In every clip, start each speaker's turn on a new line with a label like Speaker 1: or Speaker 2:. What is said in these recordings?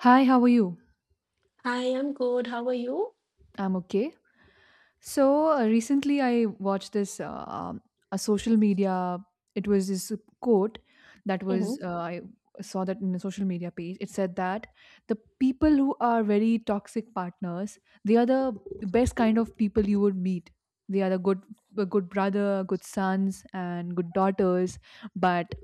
Speaker 1: Hi, how are you?
Speaker 2: I am good. How are you?
Speaker 1: I'm okay. So recently, I watched this a social media. It was this quote that was
Speaker 2: Mhm.
Speaker 1: I saw that in a social media page. It said that the people who are very toxic partners, they are the best kind of people you would meet. They are the good, brother, good sons, and good daughters. But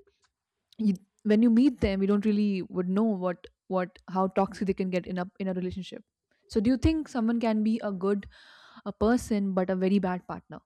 Speaker 1: you, when you meet them, you don't really would know what how toxic they can get in a relationship. So do you think someone can be a person but a very bad partner?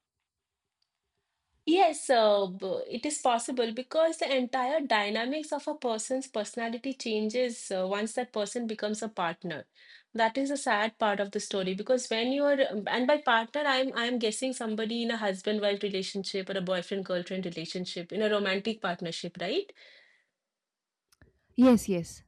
Speaker 2: Yes, it is possible because the entire dynamics of a person's personality changes once that person becomes a partner. That is a sad part of the story because when you are, and by partner, I'm guessing somebody in a husband-wife relationship or a boyfriend-girlfriend relationship in a romantic partnership, right?
Speaker 1: Yes, yes.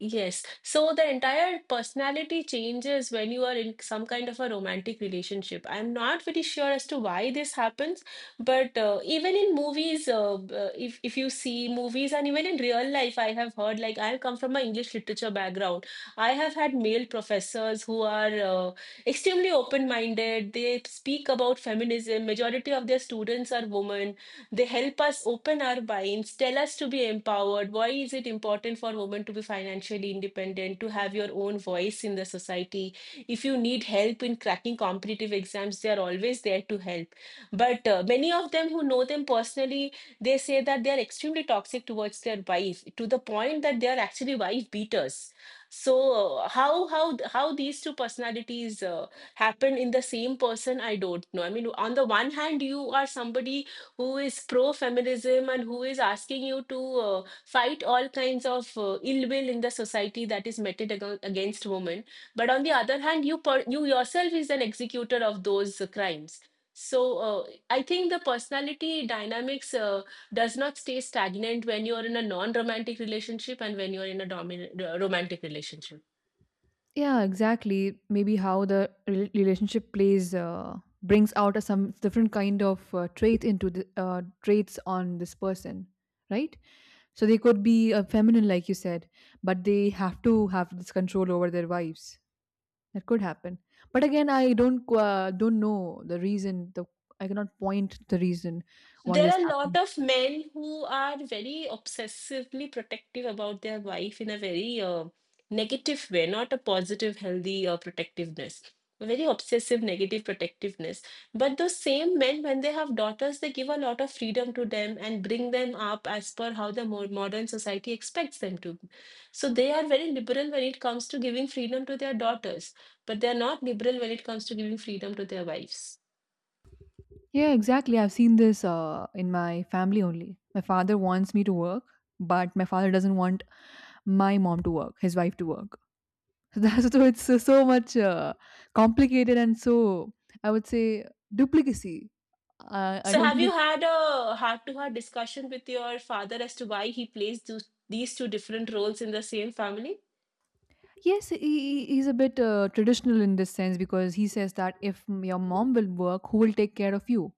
Speaker 2: Yes. So the entire personality changes when you are in some kind of a romantic relationship. I'm not very sure as to why this happens, but even in movies, if you see movies and even in real life, I have heard, like, I come from an English literature background. I have had male professors who are extremely open-minded. They speak about feminism. Majority of their students are women. They help us open our minds, tell us to be empowered. Why is it important for women to be financially independent, to have your own voice in the society? If you need help in cracking competitive exams, they are always there to help. But many of them who know them personally, they say that they are extremely toxic towards their wife to the point that they are actually wife beaters. So, how these two personalities happen in the same person. I don't know. I mean, on the one hand you are somebody who is pro-feminism and who is asking you to fight all kinds of ill will in the society that is meted against women. But on the other hand, you yourself is an executor of those crimes. So, I think the personality dynamics does not stay stagnant when you are in a non-romantic relationship and when you are in a dominant romantic relationship.
Speaker 1: Yeah, exactly. Maybe how the relationship plays, brings out some different kind of trait, into the traits on this person. Right. So they could be feminine, like you said, but they have to have this control over their wives. That could happen. But again, I don't don't know the reason. The I cannot point the reason why
Speaker 2: There
Speaker 1: this
Speaker 2: are a lot
Speaker 1: happens.
Speaker 2: of men who are very obsessively protective about their wife in a very negative way, not a positive, healthy protectiveness. A very obsessive, negative protectiveness. But those same men, when they have daughters, they give a lot of freedom to them and bring them up as per how the more modern society expects them to. So they are very liberal when it comes to giving freedom to their daughters, but they are not liberal when it comes to giving freedom to their wives.
Speaker 1: Yeah, exactly. I've seen this in my family only. My father wants me to work, but my father doesn't want my mom to work, his wife to work. So that's so it's so, so much complicated, and so I would say duplicacy. I
Speaker 2: So,
Speaker 1: don't
Speaker 2: have you
Speaker 1: really.
Speaker 2: had a heart-to-heart discussion with your father as to why he plays those, these two different roles in the same family?
Speaker 1: Yes, he, he's a bit traditional in this sense, because he says that, if your mom will work, who will take care of you?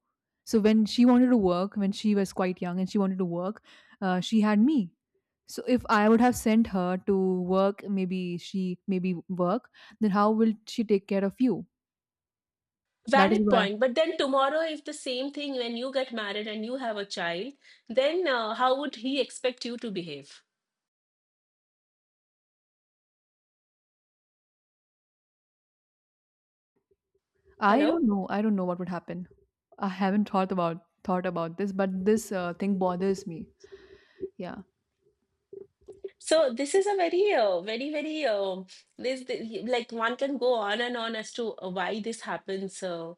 Speaker 1: So when she wanted to work, when she was quite young and she wanted to work, she had me. So if I would have sent her to work, maybe she, maybe work, then how will she take care of you? That is
Speaker 2: Valid
Speaker 1: why.
Speaker 2: point. But then tomorrow, if the same thing when you get married and you have a child, then how would he expect you to behave?
Speaker 1: I
Speaker 2: Hello?
Speaker 1: don't know. I don't know what would happen. I haven't thought about this, but this thing bothers me. Yeah.
Speaker 2: So this is a very, very, very, like, one can go on and on as to why this happens uh,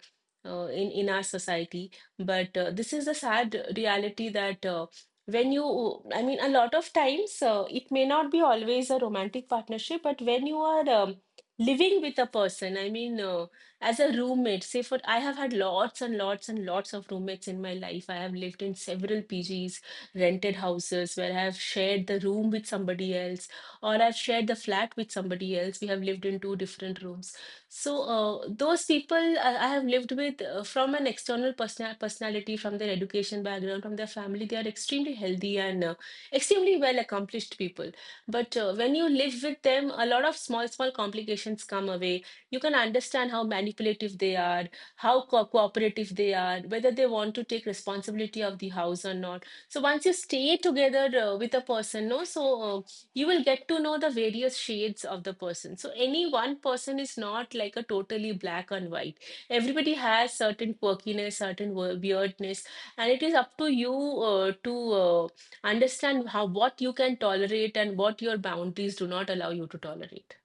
Speaker 2: uh, in in our society. But this is a sad reality that when you, I mean, a lot of times it may not be always a romantic partnership, but when you are living with a person, I mean, as a roommate, say, for I have had lots and lots and lots of roommates in my life. I have lived in several PGs, rented houses where I've shared the room with somebody else, or I've shared the flat with somebody else. We have lived in two different rooms. So, those people I have lived with, from an external person personality, from their education background, from their family, they are extremely healthy and extremely well accomplished people. But when you live with them, a lot of small, small complications come away. You can understand how manipulative they are, how cooperative they are, whether they want to take responsibility of the house or not. So once you stay together with a person, no, so you will get to know the various shades of the person. So any one person is not like a totally black and white. Everybody has certain quirkiness, certain weirdness, and it is up to you to uh, understand how, what you can tolerate and what your boundaries do not allow you to tolerate.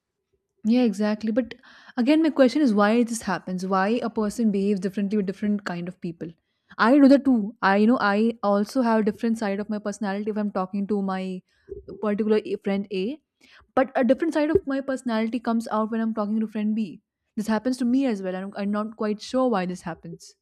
Speaker 1: Yeah, exactly. But again, my question is, why this happens? Why a person behaves differently with different kind of people? I do that too. I you know I also have a different side of my personality if I'm talking to my particular friend A, but a different side of my personality comes out when I'm talking to friend B. This happens to me as well. I'm not quite sure why this happens.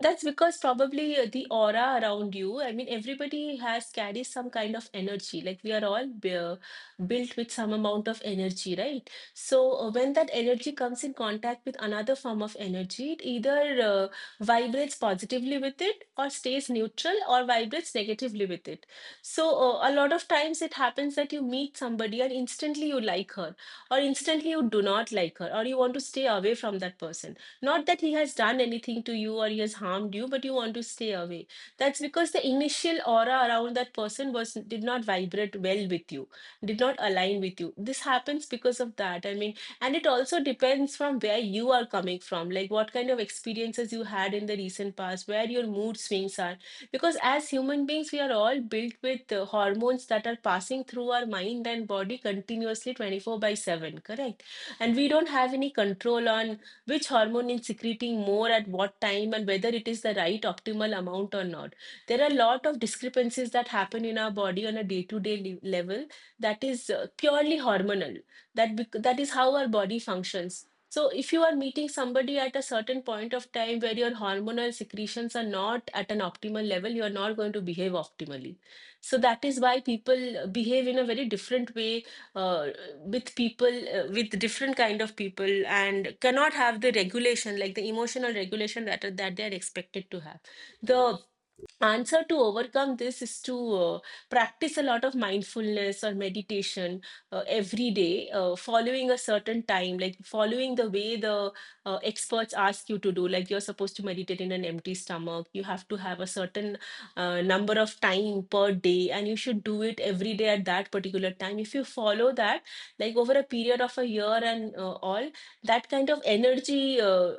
Speaker 2: That's because probably the aura around you. I mean, everybody has carries some kind of energy. Like, we are all built with some amount of energy, right? So when that energy comes in contact with another form of energy, it either vibrates positively with it, or stays neutral, or vibrates negatively with it. So a lot of times it happens that you meet somebody and instantly you like her, or instantly you do not like her, or you want to stay away from that person, not that he has done anything to you or he has harmed you, but you want to stay away. That's because the initial aura around that person was did not vibrate well with you, did not align with you. This happens because of that. I mean, and it also depends from where you are coming from, like what kind of experiences you had in the recent past, where your mood swings are. Because as human beings, we are all built with hormones that are passing through our mind and body continuously 24 by 7, correct? And we don't have any control on which hormone is secreting more at what time and whether it is the right optimal amount or not. There are a lot of discrepancies that happen in our body on a day to day level that is purely hormonal, that is how our body functions. So if you are meeting somebody at a certain point of time where your hormonal secretions are not at an optimal level, you are not going to behave optimally. So that is why people behave in a very different way uh, with people, with different kind of people, and cannot have the regulation, like the emotional regulation that they are expected to have. The answer to overcome this is to practice a lot of mindfulness or meditation every day, following a certain time, like following the way the experts ask you to do, like you're supposed to meditate in an empty stomach, you have to have a certain number of time per day, and you should do it every day at that particular time. If you follow that, like over a period of a year, and all that kind of energy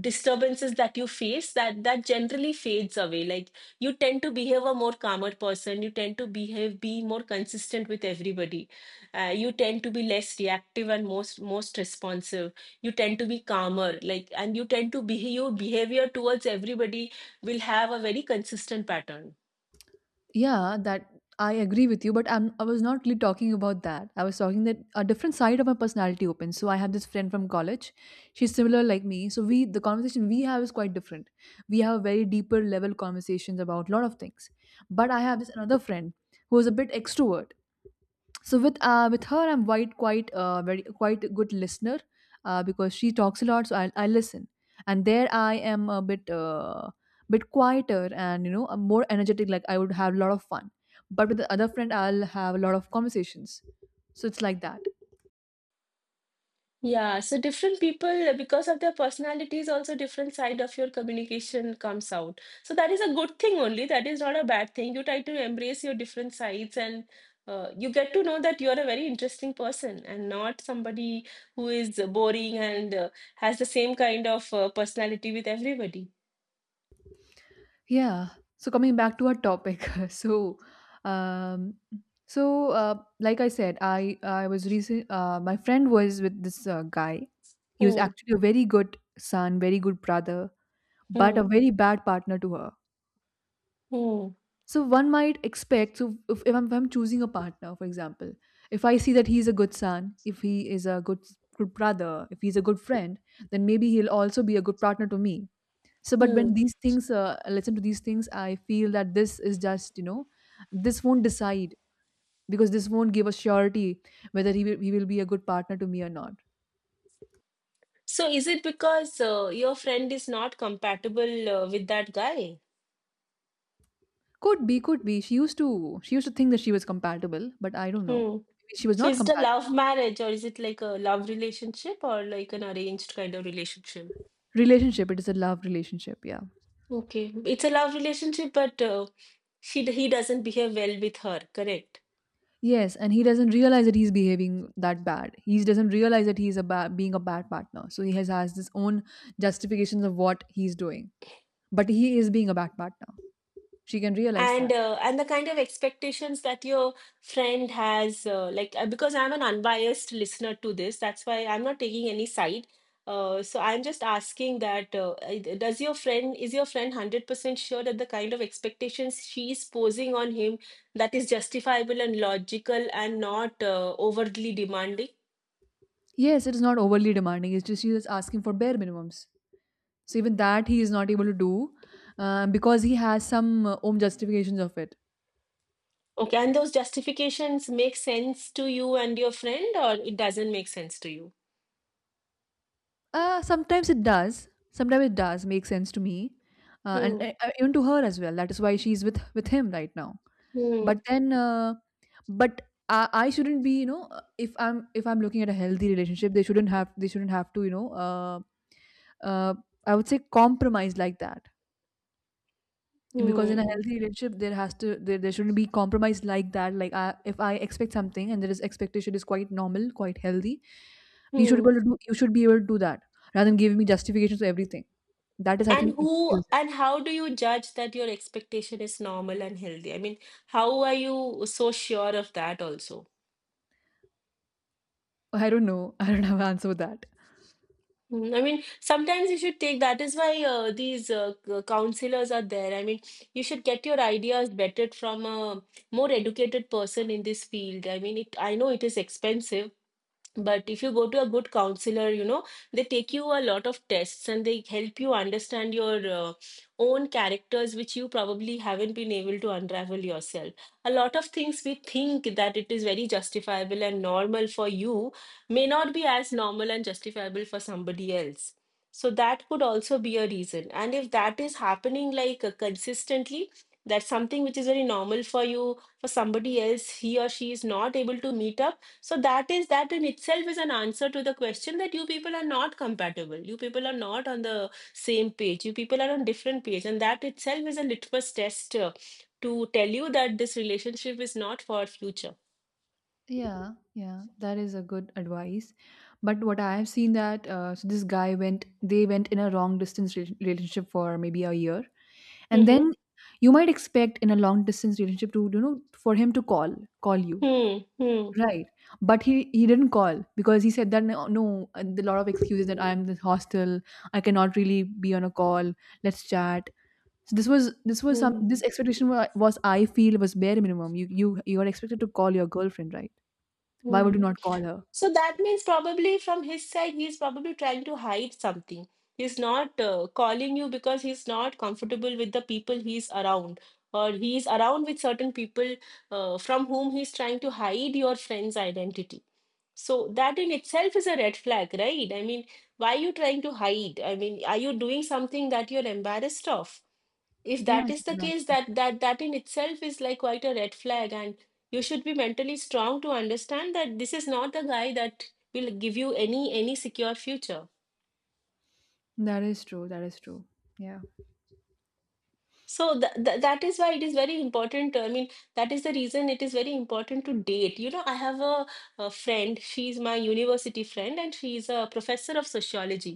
Speaker 2: disturbances that you face, that generally fades away. Like, you tend to behave a more calmer person, you tend to behave, be more consistent with everybody, you tend to be less reactive and most responsive, you tend to be calmer, like, and you tend to behave, your behavior towards everybody will have a very consistent pattern.
Speaker 1: Yeah, that I agree with you, but I was not really talking about that. I was talking that a different side of my personality opens. So I have this friend from college. She's similar like me. So we the conversation we have is quite different. We have very deeper level conversations about a lot of things. But I have this another friend who is a bit extrovert. So with with her, I'm quite a good listener, because she talks a lot. So I listen, and there I am a bit quieter, and I more energetic, like I would have a lot of fun, but with the other friend I'll have a lot of conversations. So it's like that.
Speaker 2: Yeah, so different people, because of their personalities, also different side of your communication comes out. So that is a good thing only. That is not a bad thing. You try to embrace your different sides, and you get to know that you're a very interesting person and not somebody who is boring and has the same kind of personality with everybody.
Speaker 1: Yeah. So coming back to our topic. So um so like I said, I was recent my friend was with this guy. He was
Speaker 2: Hmm,
Speaker 1: actually a very good son, very good brother, but a
Speaker 2: hmm,
Speaker 1: very bad partner to her.
Speaker 2: hmm,
Speaker 1: So one might expect, so if I'm choosing a partner, for example, if I see that he's a good son, if he is a good brother, if he's a good friend, then maybe he'll also be a good partner to me. So, but when
Speaker 2: hmm.
Speaker 1: I listen to these things, I feel that this is just, this won't decide, because this won't give a surety whether he will be a good partner to me or not.
Speaker 2: So is it because your friend is not compatible with that guy?
Speaker 1: Could be, could be. She used to think that she was compatible, but I don't know.
Speaker 2: Hmm.
Speaker 1: Maybe she was
Speaker 2: So
Speaker 1: not
Speaker 2: is it a
Speaker 1: compatible.
Speaker 2: love marriage, or is it like a love relationship or like an arranged kind of relationship?
Speaker 1: Relationship, it is a love relationship, yeah.
Speaker 2: Okay, it's a love relationship, but she he doesn't behave well with her, correct?
Speaker 1: Yes, and he doesn't realize that he's behaving that bad. He doesn't realize that he's being a bad partner. So he has his own justifications of what he's doing. But he is being a bad partner. She can realize that.
Speaker 2: And the kind of expectations that your friend has, like, because I'm an unbiased listener to this, that's why I'm not taking any side, so I'm just asking that, does your friend is your friend 100% sure that the kind of expectations she is posing on him, that is justifiable and logical and not overly demanding.
Speaker 1: Yes, it is not overly demanding. It's just he is asking for bare minimums. So even that he is not able to do, because he has some own justifications of it.
Speaker 2: Okay, and those justifications make sense to you and your friend, or it doesn't make sense to you.
Speaker 1: Sometimes it does. Sometimes it does make sense to me, and
Speaker 2: Hmm.
Speaker 1: even to her as well. That is why she's with him right now,
Speaker 2: Hmm.
Speaker 1: but then but I shouldn't be, if I'm looking at a healthy relationship, they shouldn't have to, uh, I would say, compromise like that. Because in a
Speaker 2: Hmm.
Speaker 1: healthy relationship, there has to, there shouldn't be compromise like that. Like if I expect something, and there is expectation is quite normal, quite healthy,
Speaker 2: Hmm.
Speaker 1: you should be able to do that, rather than giving me justifications for everything. That is, I
Speaker 2: And
Speaker 1: think,
Speaker 2: who
Speaker 1: excuses.
Speaker 2: and how do you judge that your expectation is normal and healthy? I mean, how are you so sure of that also?
Speaker 1: I don't know. I don't have an answer for that.
Speaker 2: Mm, I mean, sometimes you should take, that is why these counselors are there. I mean, you should get your ideas vetted from a more educated person in this field. I mean, it, I know it is expensive. But if you go to a good counselor, they take you a lot of tests and they help you understand your own characters, which you probably haven't been able to unravel yourself. A lot of things we think that it is very justifiable and normal for you may not be as normal and justifiable for somebody else. So that could also be a reason. And if that is happening like consistently, that's something which is very normal for you. For somebody else, he or she is not able to meet up, so that in itself is an answer to the question that you people are not compatible. You people are not on the same page. You people are on different page, and that itself is a litmus test to tell you that this relationship is not for future.
Speaker 1: Yeah, yeah, that is a good advice. But what I have seen that, so they went in a long distance relationship for maybe a year, and then
Speaker 2: Mm-hmm.
Speaker 1: you might expect in a long distance relationship to, for him to call you,
Speaker 2: Hmm. Hmm.
Speaker 1: right? But he didn't call because he said that, no, no, a lot of excuses, that I'm in this hostel, I cannot really be on a call. Let's chat. So this was some this
Speaker 2: Hmm.
Speaker 1: expectation was, I feel, was bare minimum. You are expected to call your girlfriend, right? Why would you
Speaker 2: Hmm.
Speaker 1: not call her?
Speaker 2: So that means probably from his side, he's probably trying to hide something. He's not calling you because he's not comfortable with the people he's around, or he's around with certain people from whom he's trying to hide your friend's identity. So that in itself is a red flag, right? I mean, why are you trying to hide? I mean, are you doing something that you're embarrassed of? If that
Speaker 1: Yes,
Speaker 2: is the case,
Speaker 1: exactly.
Speaker 2: that in itself is like quite a red flag, and you should be mentally strong to understand that this is not the guy that will give you any secure future.
Speaker 1: That is true. That is true. Yeah.
Speaker 2: So th th that is why it is very important. I mean, that is the reason it is very important to date. You know, I have a friend, she's my university friend, and she's a professor of sociology.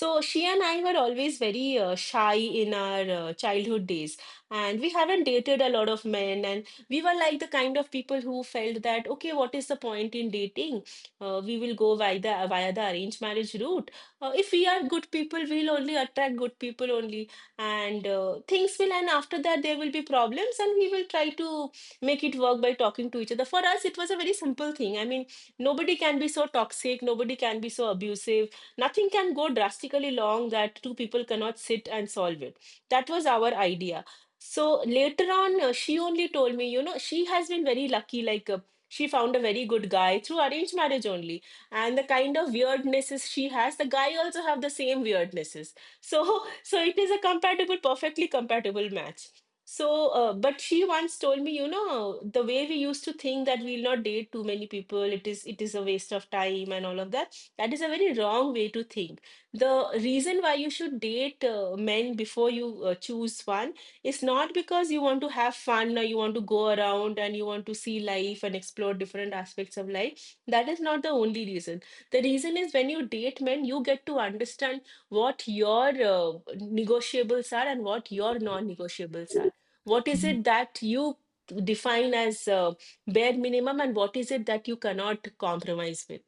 Speaker 2: So she and I were always very shy in our childhood days, and we haven't dated a lot of men, and we were like the kind of people who felt that, okay, what is the point in dating? We will go via the arranged marriage route. If we are good people, we'll only attract good people only, and things will, and after that there will be problems and we will try to make it work by talking to each other. For us, it was a very simple thing. I mean, nobody can be so toxic, nobody can be so abusive, nothing can go drastically long that two people cannot sit and solve it. That was our idea. So later on, she only told me, you know, she has been very lucky, like she found a very good guy through arranged marriage only. And the kind of weirdnesses she has, the guy also have the same weirdnesses. So so it is a compatible, perfectly compatible match. But she once told me, you know, the way we used to think that we'll not date too many people, it is a waste of time and all of that, that is a very wrong way to think. The reason why you should date men before you choose one is not because you want to have fun or you want to go around and you want to see life and explore different aspects of life. That is not the only reason. The reason is, when you date men, you get to understand what your negotiables are and what your non-negotiables are, what is
Speaker 1: Mhm.
Speaker 2: it that you define as bare minimum and what is it that you cannot compromise with.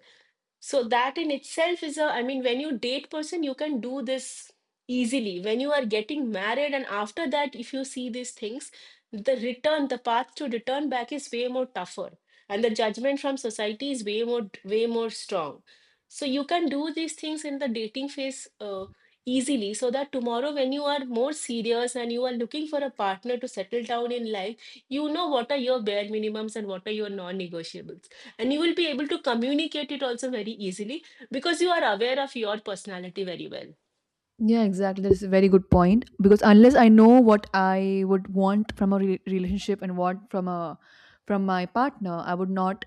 Speaker 2: So that in itself is a, I mean, when you date person, you can do this easily. When you are getting married and after that, if you see these things, the path to return back is way more tougher. And the judgment from society is way more, way more strong. So you can do these things in the dating phase easily, so that tomorrow when you are more serious and you are looking for a partner to settle down in life, you know what are your bare minimums and what are your non-negotiables, and you will be able to communicate it also very easily because you are aware of your personality very well.
Speaker 1: Yeah, exactly. That's a very good point. Because unless I know what I would want from a relationship, and what from a from my partner, I would not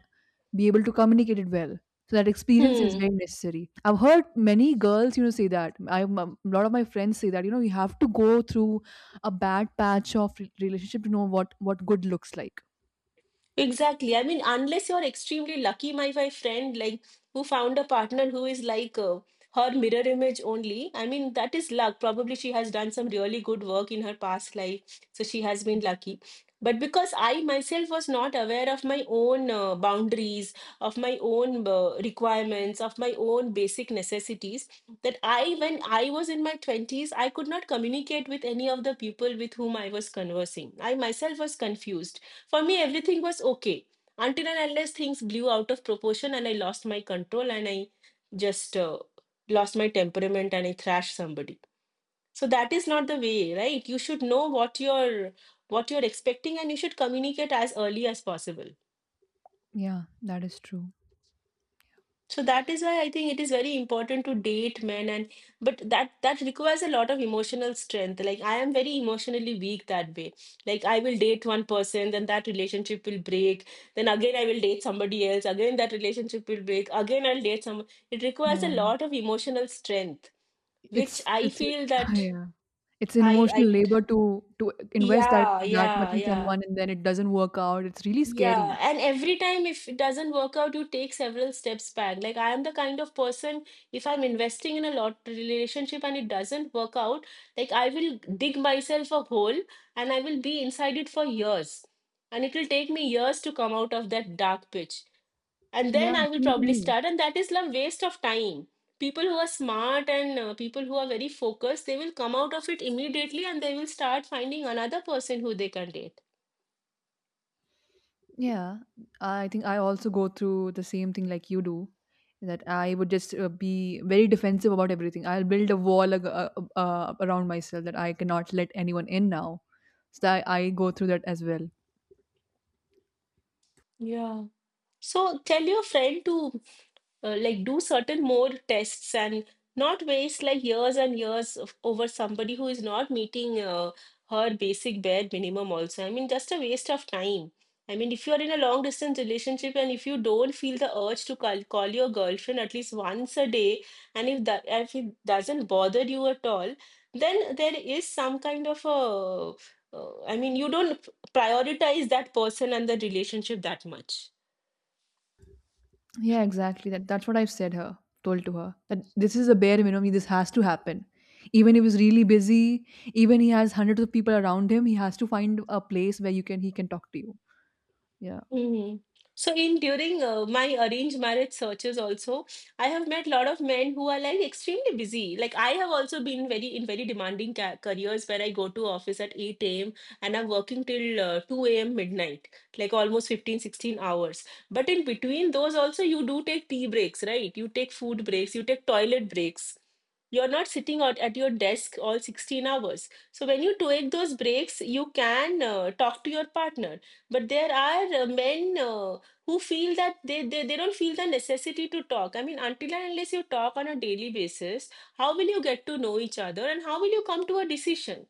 Speaker 1: be able to communicate it well. So that experience is
Speaker 2: Hmm.
Speaker 1: very necessary. I've heard many girls, say that. I a lot of my friends say that, you have to go through a bad patch of relationship to know what good looks like.
Speaker 2: Exactly. I mean, unless you're extremely lucky, my friend, like, who found a partner who is like her mirror image only. I mean, that is luck. Probably she has done some really good work in her past life, so she has been lucky. But because I myself was not aware of my own boundaries, of my own requirements, of my own basic necessities, that I, when I was in my 20s, I could not communicate with any of the people with whom I was conversing. I myself was confused. For me, everything was okay until and unless things blew out of proportion and I lost my control and I just lost my temperament and I thrashed somebody. So that is not the way, right? You should know what you're expecting and you should communicate as early as possible.
Speaker 1: Yeah, that is true.
Speaker 2: So that is why I think it is very important to date men, and but that requires a lot of emotional strength. Like I am very emotionally weak that way. Like I will date one person, then that relationship will break. Then again I will date somebody else. Again that relationship will break. Again I'll date someone. It requires a
Speaker 1: Yeah.
Speaker 2: lot of emotional strength, which
Speaker 1: It's
Speaker 2: I
Speaker 1: it's
Speaker 2: feel that
Speaker 1: yeah. It's an
Speaker 2: I
Speaker 1: emotional
Speaker 2: I
Speaker 1: labor to invest
Speaker 2: yeah,
Speaker 1: that much
Speaker 2: yeah,
Speaker 1: in
Speaker 2: yeah.
Speaker 1: someone, and then it doesn't work out. It's really
Speaker 2: Yeah,
Speaker 1: scary.
Speaker 2: and every time if it doesn't work out, you take several steps back. Like I am the kind of person, if I'm investing in a lot relationship and it doesn't work out, like I will dig myself a hole and I will be inside it for years. And it will take me years to come out of that dark pitch. And
Speaker 1: Yeah,
Speaker 2: then I will
Speaker 1: same for
Speaker 2: probably
Speaker 1: me.
Speaker 2: start, and that is a waste of time. People who are smart and people who are very focused, they will come out of it immediately and they will start finding another person who they can date.
Speaker 1: Yeah, I think I also go through the same thing like you do. That I would just be very defensive about everything. I'll build a wall around myself, that I cannot let anyone in now. So I go through that as well.
Speaker 2: Yeah. So tell your friend to like do certain more tests and not waste like years and years of, over somebody who is not meeting her basic bare minimum also. I mean, just a waste of time. I mean, if you are in a long distance relationship and if you don't feel the urge to call, call your girlfriend at least once a day, and if it doesn't bother you at all, then there is some kind of a, I mean, you don't prioritize that person and the relationship that much.
Speaker 1: Yeah, exactly. That's what I've told to her, that this is a bare minimum. This has to happen. Even if he's really busy, even he has hundreds of people around him, he has to find a place where you can he can talk to you. Yeah,
Speaker 2: Mhm. So in during my arranged marriage searches also, I have met a lot of men who are like extremely busy. Like I have also been very in very demanding ca careers where I go to office at 8 a.m. and I'm working till 2 a.m. midnight, like almost 15-16 hours. But in between those also you do take tea breaks, right? You take food breaks, you take toilet breaks. You're not sitting out at your desk all 16 hours. So when you take those breaks, you can talk to your partner, but there are men who feel that they don't feel the necessity to talk. I mean, until and unless you talk on a daily basis, how will you get to know each other and how will you come to a decision?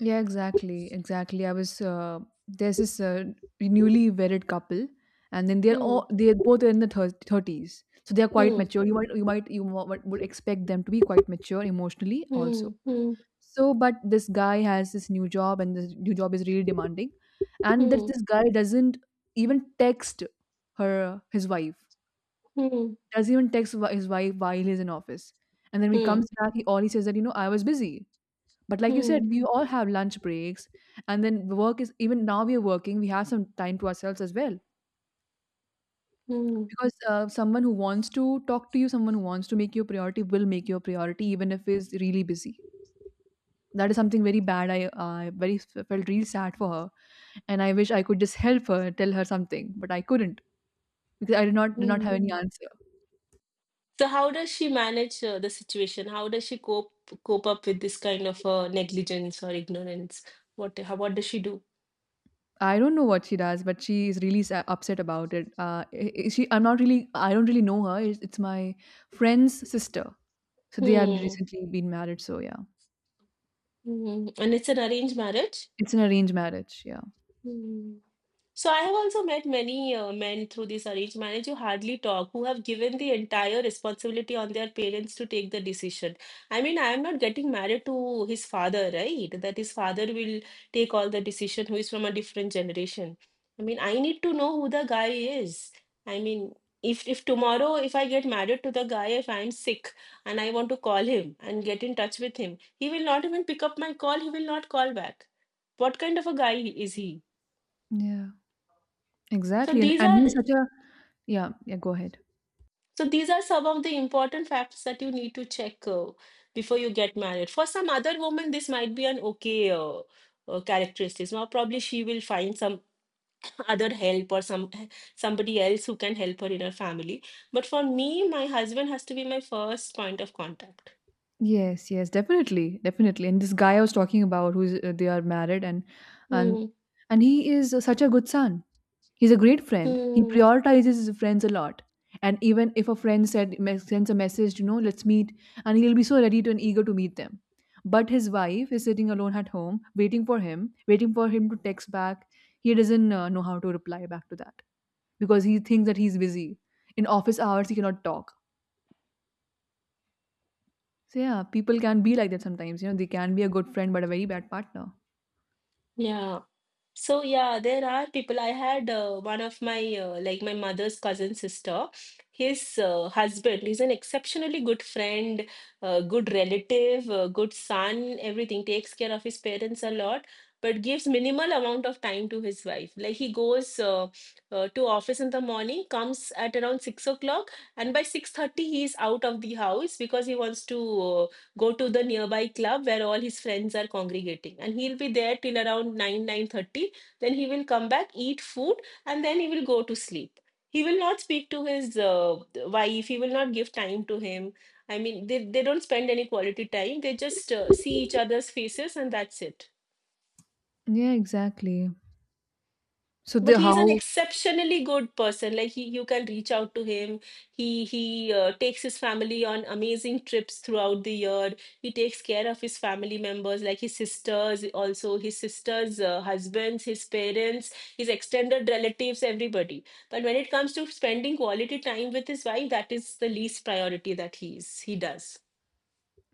Speaker 1: yeah, exactly, exactly. I was there's this newly wedded couple, and then
Speaker 2: Hmm,
Speaker 1: they're both in the thirties, so they're quite
Speaker 2: hmm,
Speaker 1: mature. You would expect them to be quite mature emotionally
Speaker 2: hmm,
Speaker 1: also.
Speaker 2: hmm,
Speaker 1: So, but this guy has this new job, and this new job is really demanding, and that
Speaker 2: hmm,
Speaker 1: this guy doesn't even text her, his wife,
Speaker 2: hmm,
Speaker 1: doesn't even text his wife, while he's in office, and then when he comes
Speaker 2: hmm,
Speaker 1: back, he all he says that, I was busy. But like you said,
Speaker 2: hmm,
Speaker 1: we all have lunch breaks, and then the work is even now we are working, we have some time to ourselves as well.
Speaker 2: hmm,
Speaker 1: Because someone who wants to talk to you, someone who wants to make you a priority, will make you a priority even if he's really busy. That is something very bad. I very felt real sad for her, and I wish I could just help her, tell her something, but I couldn't, because I did not have any
Speaker 2: hmm.
Speaker 1: answer.
Speaker 2: So how does she manage the situation? How does she cope up with this kind of negligence or ignorance? What does she do?
Speaker 1: I don't know what she does, but she is really upset about it. I- she I'm not really I don't really know her. It's my friend's sister. So they have
Speaker 2: Hmm,
Speaker 1: recently been married, so yeah.
Speaker 2: hmm. And it's an arranged marriage?
Speaker 1: It's an arranged marriage, yeah.
Speaker 2: Hmm. So I have also met many men through this arranged marriage who hardly talk, who have given the entire responsibility on their parents to take the decision. I mean, I am not getting married to his father, right? That his father will take all the decision, who is from a different generation. I mean, I need to know who the guy is. I mean, if tomorrow if I get married to the guy, if I'm sick and I want to call him and get in touch with him, he will not even pick up my call. He will not call back. What kind of a guy is he?
Speaker 1: Yeah,
Speaker 2: So
Speaker 1: exactly. and,
Speaker 2: these
Speaker 1: and
Speaker 2: are
Speaker 1: he's such a. Yeah, yeah, go ahead.
Speaker 2: So these are some of the important facts that you need to check before you get married. For some other woman, this might be an okay characteristics. Now, probably she will find some other help or somebody else who can help her in her family. But for me, my husband has to be my first point of contact.
Speaker 1: Yes, yes, definitely, definitely. And this guy I was talking about, who's they are married, and
Speaker 2: Hmm.
Speaker 1: and he is such a good son. He's a great friend. He
Speaker 2: Hmm.
Speaker 1: prioritizes his friends a lot. And even if a friend sends a message, let's meet, and he'll be so ready to, and eager to meet them. But his wife is sitting alone at home, waiting for him to text back. He doesn't know how to reply back to that, because he thinks that he's busy. In office hours, he cannot talk. So yeah, people can be like that sometimes. You know, they can be a good friend but a very bad partner.
Speaker 2: Yeah. So yeah, there are people. I had one of my like my mother's cousin sister. His husband is an exceptionally good friend, good relative, good son, everything. Takes care of his parents a lot, but gives minimal amount of time to his wife. Like he goes to office in the morning, comes at around 6 o'clock, and by 6:30 he is out of the house because he wants to go to the nearby club where all his friends are congregating, and he'll be there till around 9 9:30. Then he will come back, eat food, and then he will go to sleep. He will not speak to his wife. He will not give time to him. I mean, they don't spend any quality time. They just see each other's faces, and that's it.
Speaker 1: Yeah, exactly. So
Speaker 2: But
Speaker 1: the
Speaker 2: he's an
Speaker 1: how
Speaker 2: exceptionally good person. Like he, you can reach out to him. He takes his family on amazing trips throughout the year. He takes care of his family members, like his sisters also, his sisters husbands, his parents, his extended relatives, everybody. But when it comes to spending quality time with his wife, that is the least priority that he does.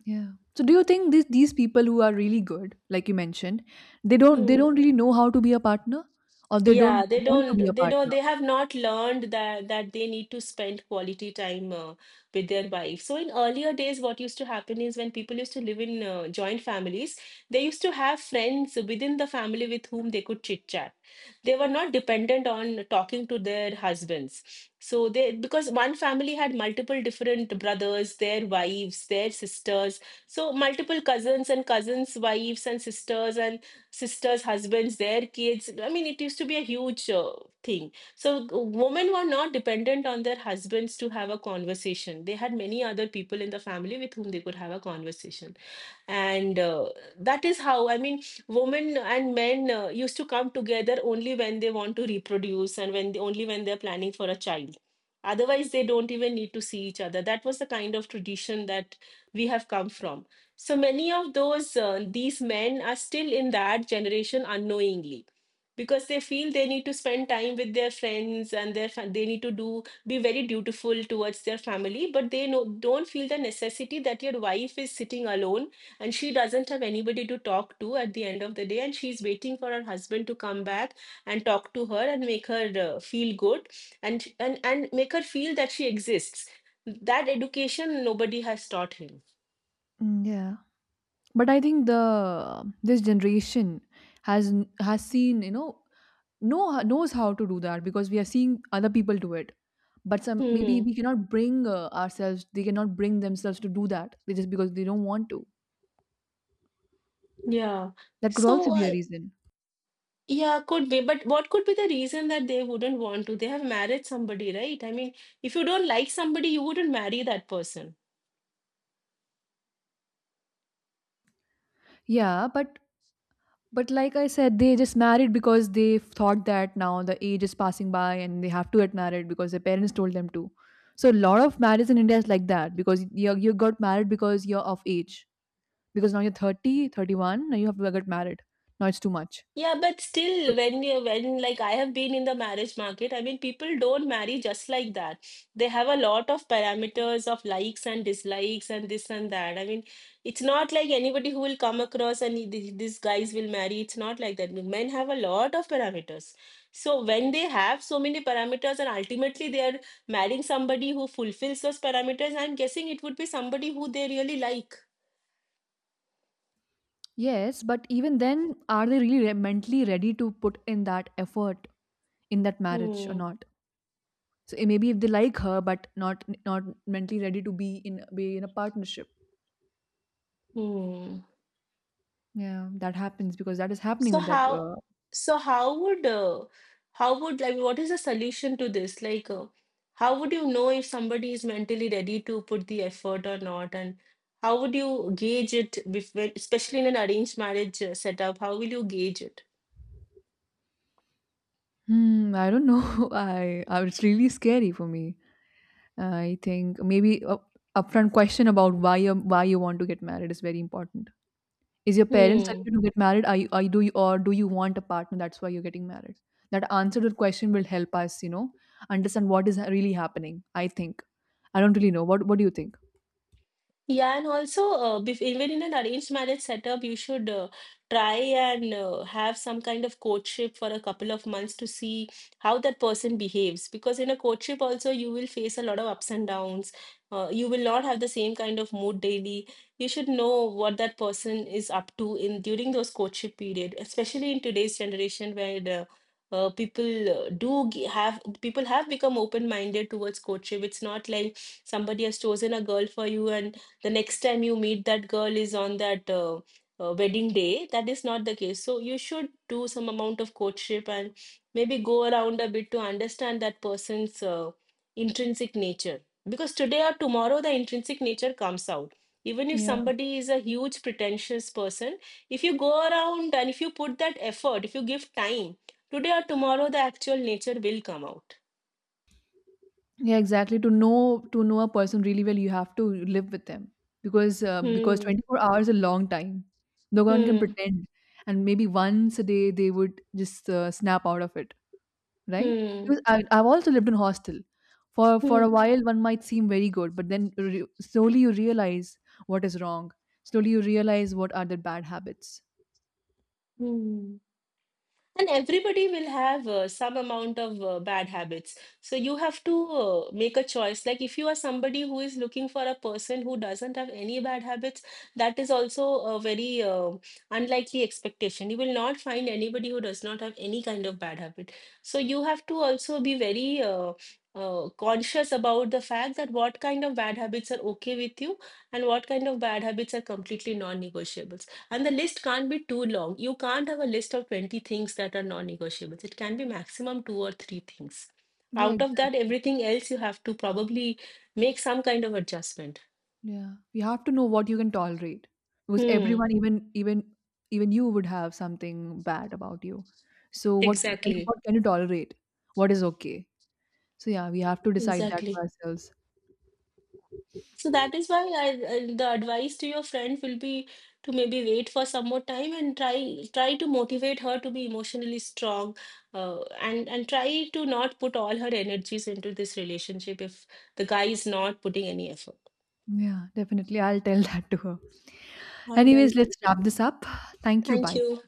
Speaker 1: yeah. So do you think these people who are really good, like you mentioned, they
Speaker 2: Hmm.
Speaker 1: don't really know how to be a partner, or they don't
Speaker 2: Yeah, they
Speaker 1: want to be a
Speaker 2: don't, they don't,
Speaker 1: partner?
Speaker 2: they have not learned that that they need to spend quality time with their wife. So in earlier days, what used to happen is when people used to live in joint families, they used to have friends within the family with whom they could chit chat. They were not dependent on talking to their husbands. So they, because one family had multiple different brothers, their wives, their sisters, so multiple cousins and cousins' wives and sisters, husbands, their kids. I mean, it used to be a huge thing. So women were not dependent on their husbands to have a conversation. They had many other people in the family with whom they could have a conversation. And that is how, I mean, women and men used to come together only when they want to reproduce, and only when they're planning for a child. Otherwise they don't even need to see each other. That was the kind of tradition that we have come from. So many of those these men are still in that generation unknowingly, because they feel they need to spend time with their friends and their they need to do be very dutiful towards their family, but they no, don't feel the necessity that your wife is sitting alone, and she doesn't have anybody to talk to at the end of the day, and she's waiting for her husband to come back and talk to her and make her feel good, and make her feel that she exists. That education nobody has taught him.
Speaker 1: Mm, yeah. But I think the this generation has seen, knows how to do that, because we are seeing other people do it. But some, maybe
Speaker 2: Hmm.
Speaker 1: we cannot bring ourselves, they cannot bring themselves to do that. They just because they don't want to.
Speaker 2: Yeah,
Speaker 1: That could also
Speaker 2: so
Speaker 1: be a
Speaker 2: uh,
Speaker 1: reason.
Speaker 2: yeah, could be. But what could be the reason that they wouldn't want to? They have married somebody, right? I mean, if you don't like somebody, you wouldn't marry that person.
Speaker 1: Yeah, but like I said, they just married because they thought that now the age is passing by, and they have to get married because their parents told them to. So a lot of marriages in India is like that, because you got married because you're of age. Because now you're 31, now you have to get married. Now it's too much.
Speaker 2: Yeah, but
Speaker 1: So-
Speaker 2: still, when you, when, like, I have been in the marriage market, I mean, people don't marry just like that. They have a lot of parameters of likes and dislikes and this and that. I mean, it's not like anybody who will come across and these guys will marry. It's not like that. Men have a lot of parameters. So when they have so many parameters and ultimately they are marrying somebody who fulfills those parameters, I'm guessing it would be somebody who they really like.
Speaker 1: Yes, but even then, are they really mentally ready to put in that effort in that marriage or
Speaker 2: Hmm.
Speaker 1: not? So maybe if they like her, but not mentally ready to be in a partnership.
Speaker 2: Hmm.
Speaker 1: Yeah, that happens because that is happening
Speaker 2: So
Speaker 1: with that.
Speaker 2: how so how would how would, like, what is the solution to this? Like, how would you know if somebody is mentally ready to put the effort or not? And how would you gauge it especially in an arranged marriage setup? How will you gauge it?
Speaker 1: I don't know. I it's really scary for me. I think maybe a upfront question about why you want to get married is very important. Is your parents telling
Speaker 2: Hmm.
Speaker 1: you to get married? Do you want a partner? That's why you're getting married. That answer to the question will help us, understand what is really happening. I think. I don't really know. What do you think?
Speaker 2: Yeah, and also, bef even in an arranged marriage setup, you should try and have some kind of courtship for a couple of months to see how that person behaves. Because in a courtship also, you will face a lot of ups and downs. You will not have the same kind of mood daily. You should know what that person is up to in during those courtship period, especially in today's generation where the have people have become open-minded towards courtship. It's not like somebody has chosen a girl for you and the next time you meet that girl is on that wedding day. That is not the case. So you should do some amount of courtship and maybe go around a bit to understand that person's intrinsic nature. Because today or tomorrow, the intrinsic nature comes out. Even if somebody is a huge pretentious person, if you go around and if you put that effort, if you give time, today or tomorrow the actual nature will come out.
Speaker 1: Yeah, exactly. To know a person really well, you have to live with them, because
Speaker 2: Hmm.
Speaker 1: 24 hours is a long time. No one can
Speaker 2: Hmm.
Speaker 1: pretend, and maybe once a day they would just snap out of it, right?
Speaker 2: Hmm.
Speaker 1: Because I've also lived in hostel. For
Speaker 2: Hmm.
Speaker 1: a while, one might seem very good, but then slowly you realize what is wrong. Slowly you realize what are the bad habits.
Speaker 2: Hmm. And everybody will have some amount of bad habits. So you have to make a choice. Like if you are somebody who is looking for a person who doesn't have any bad habits, that is also a very unlikely expectation. You will not find anybody who does not have any kind of bad habit. So you have to also be very conscious about the fact that what kind of bad habits are okay with you and what kind of bad habits are completely non-negotiable. And the list can't be too long. You can't have a list of 20 things that are non-negotiables. It can be maximum two or three things.
Speaker 1: Yeah,
Speaker 2: Out of that,
Speaker 1: exactly.
Speaker 2: everything else you have to probably make some kind of adjustment.
Speaker 1: Yeah. You have to know what you can tolerate. Because
Speaker 2: Hmm,
Speaker 1: everyone, even you would have something bad about you. So what c- can
Speaker 2: exactly.
Speaker 1: what can you tolerate? What is okay? So yeah, we have to decide that for
Speaker 2: Exactly.
Speaker 1: ourselves.
Speaker 2: So that is why the advice to your friend will be to maybe wait for some more time and try, try to motivate her to be emotionally strong, uh, and try to not put all her energies into this relationship if the guy is not putting any effort.
Speaker 1: Yeah, definitely. I'll tell that to her.
Speaker 2: All
Speaker 1: Anyways,
Speaker 2: right.
Speaker 1: let's wrap this up. Thank you.
Speaker 2: Thank
Speaker 1: Bye.
Speaker 2: you.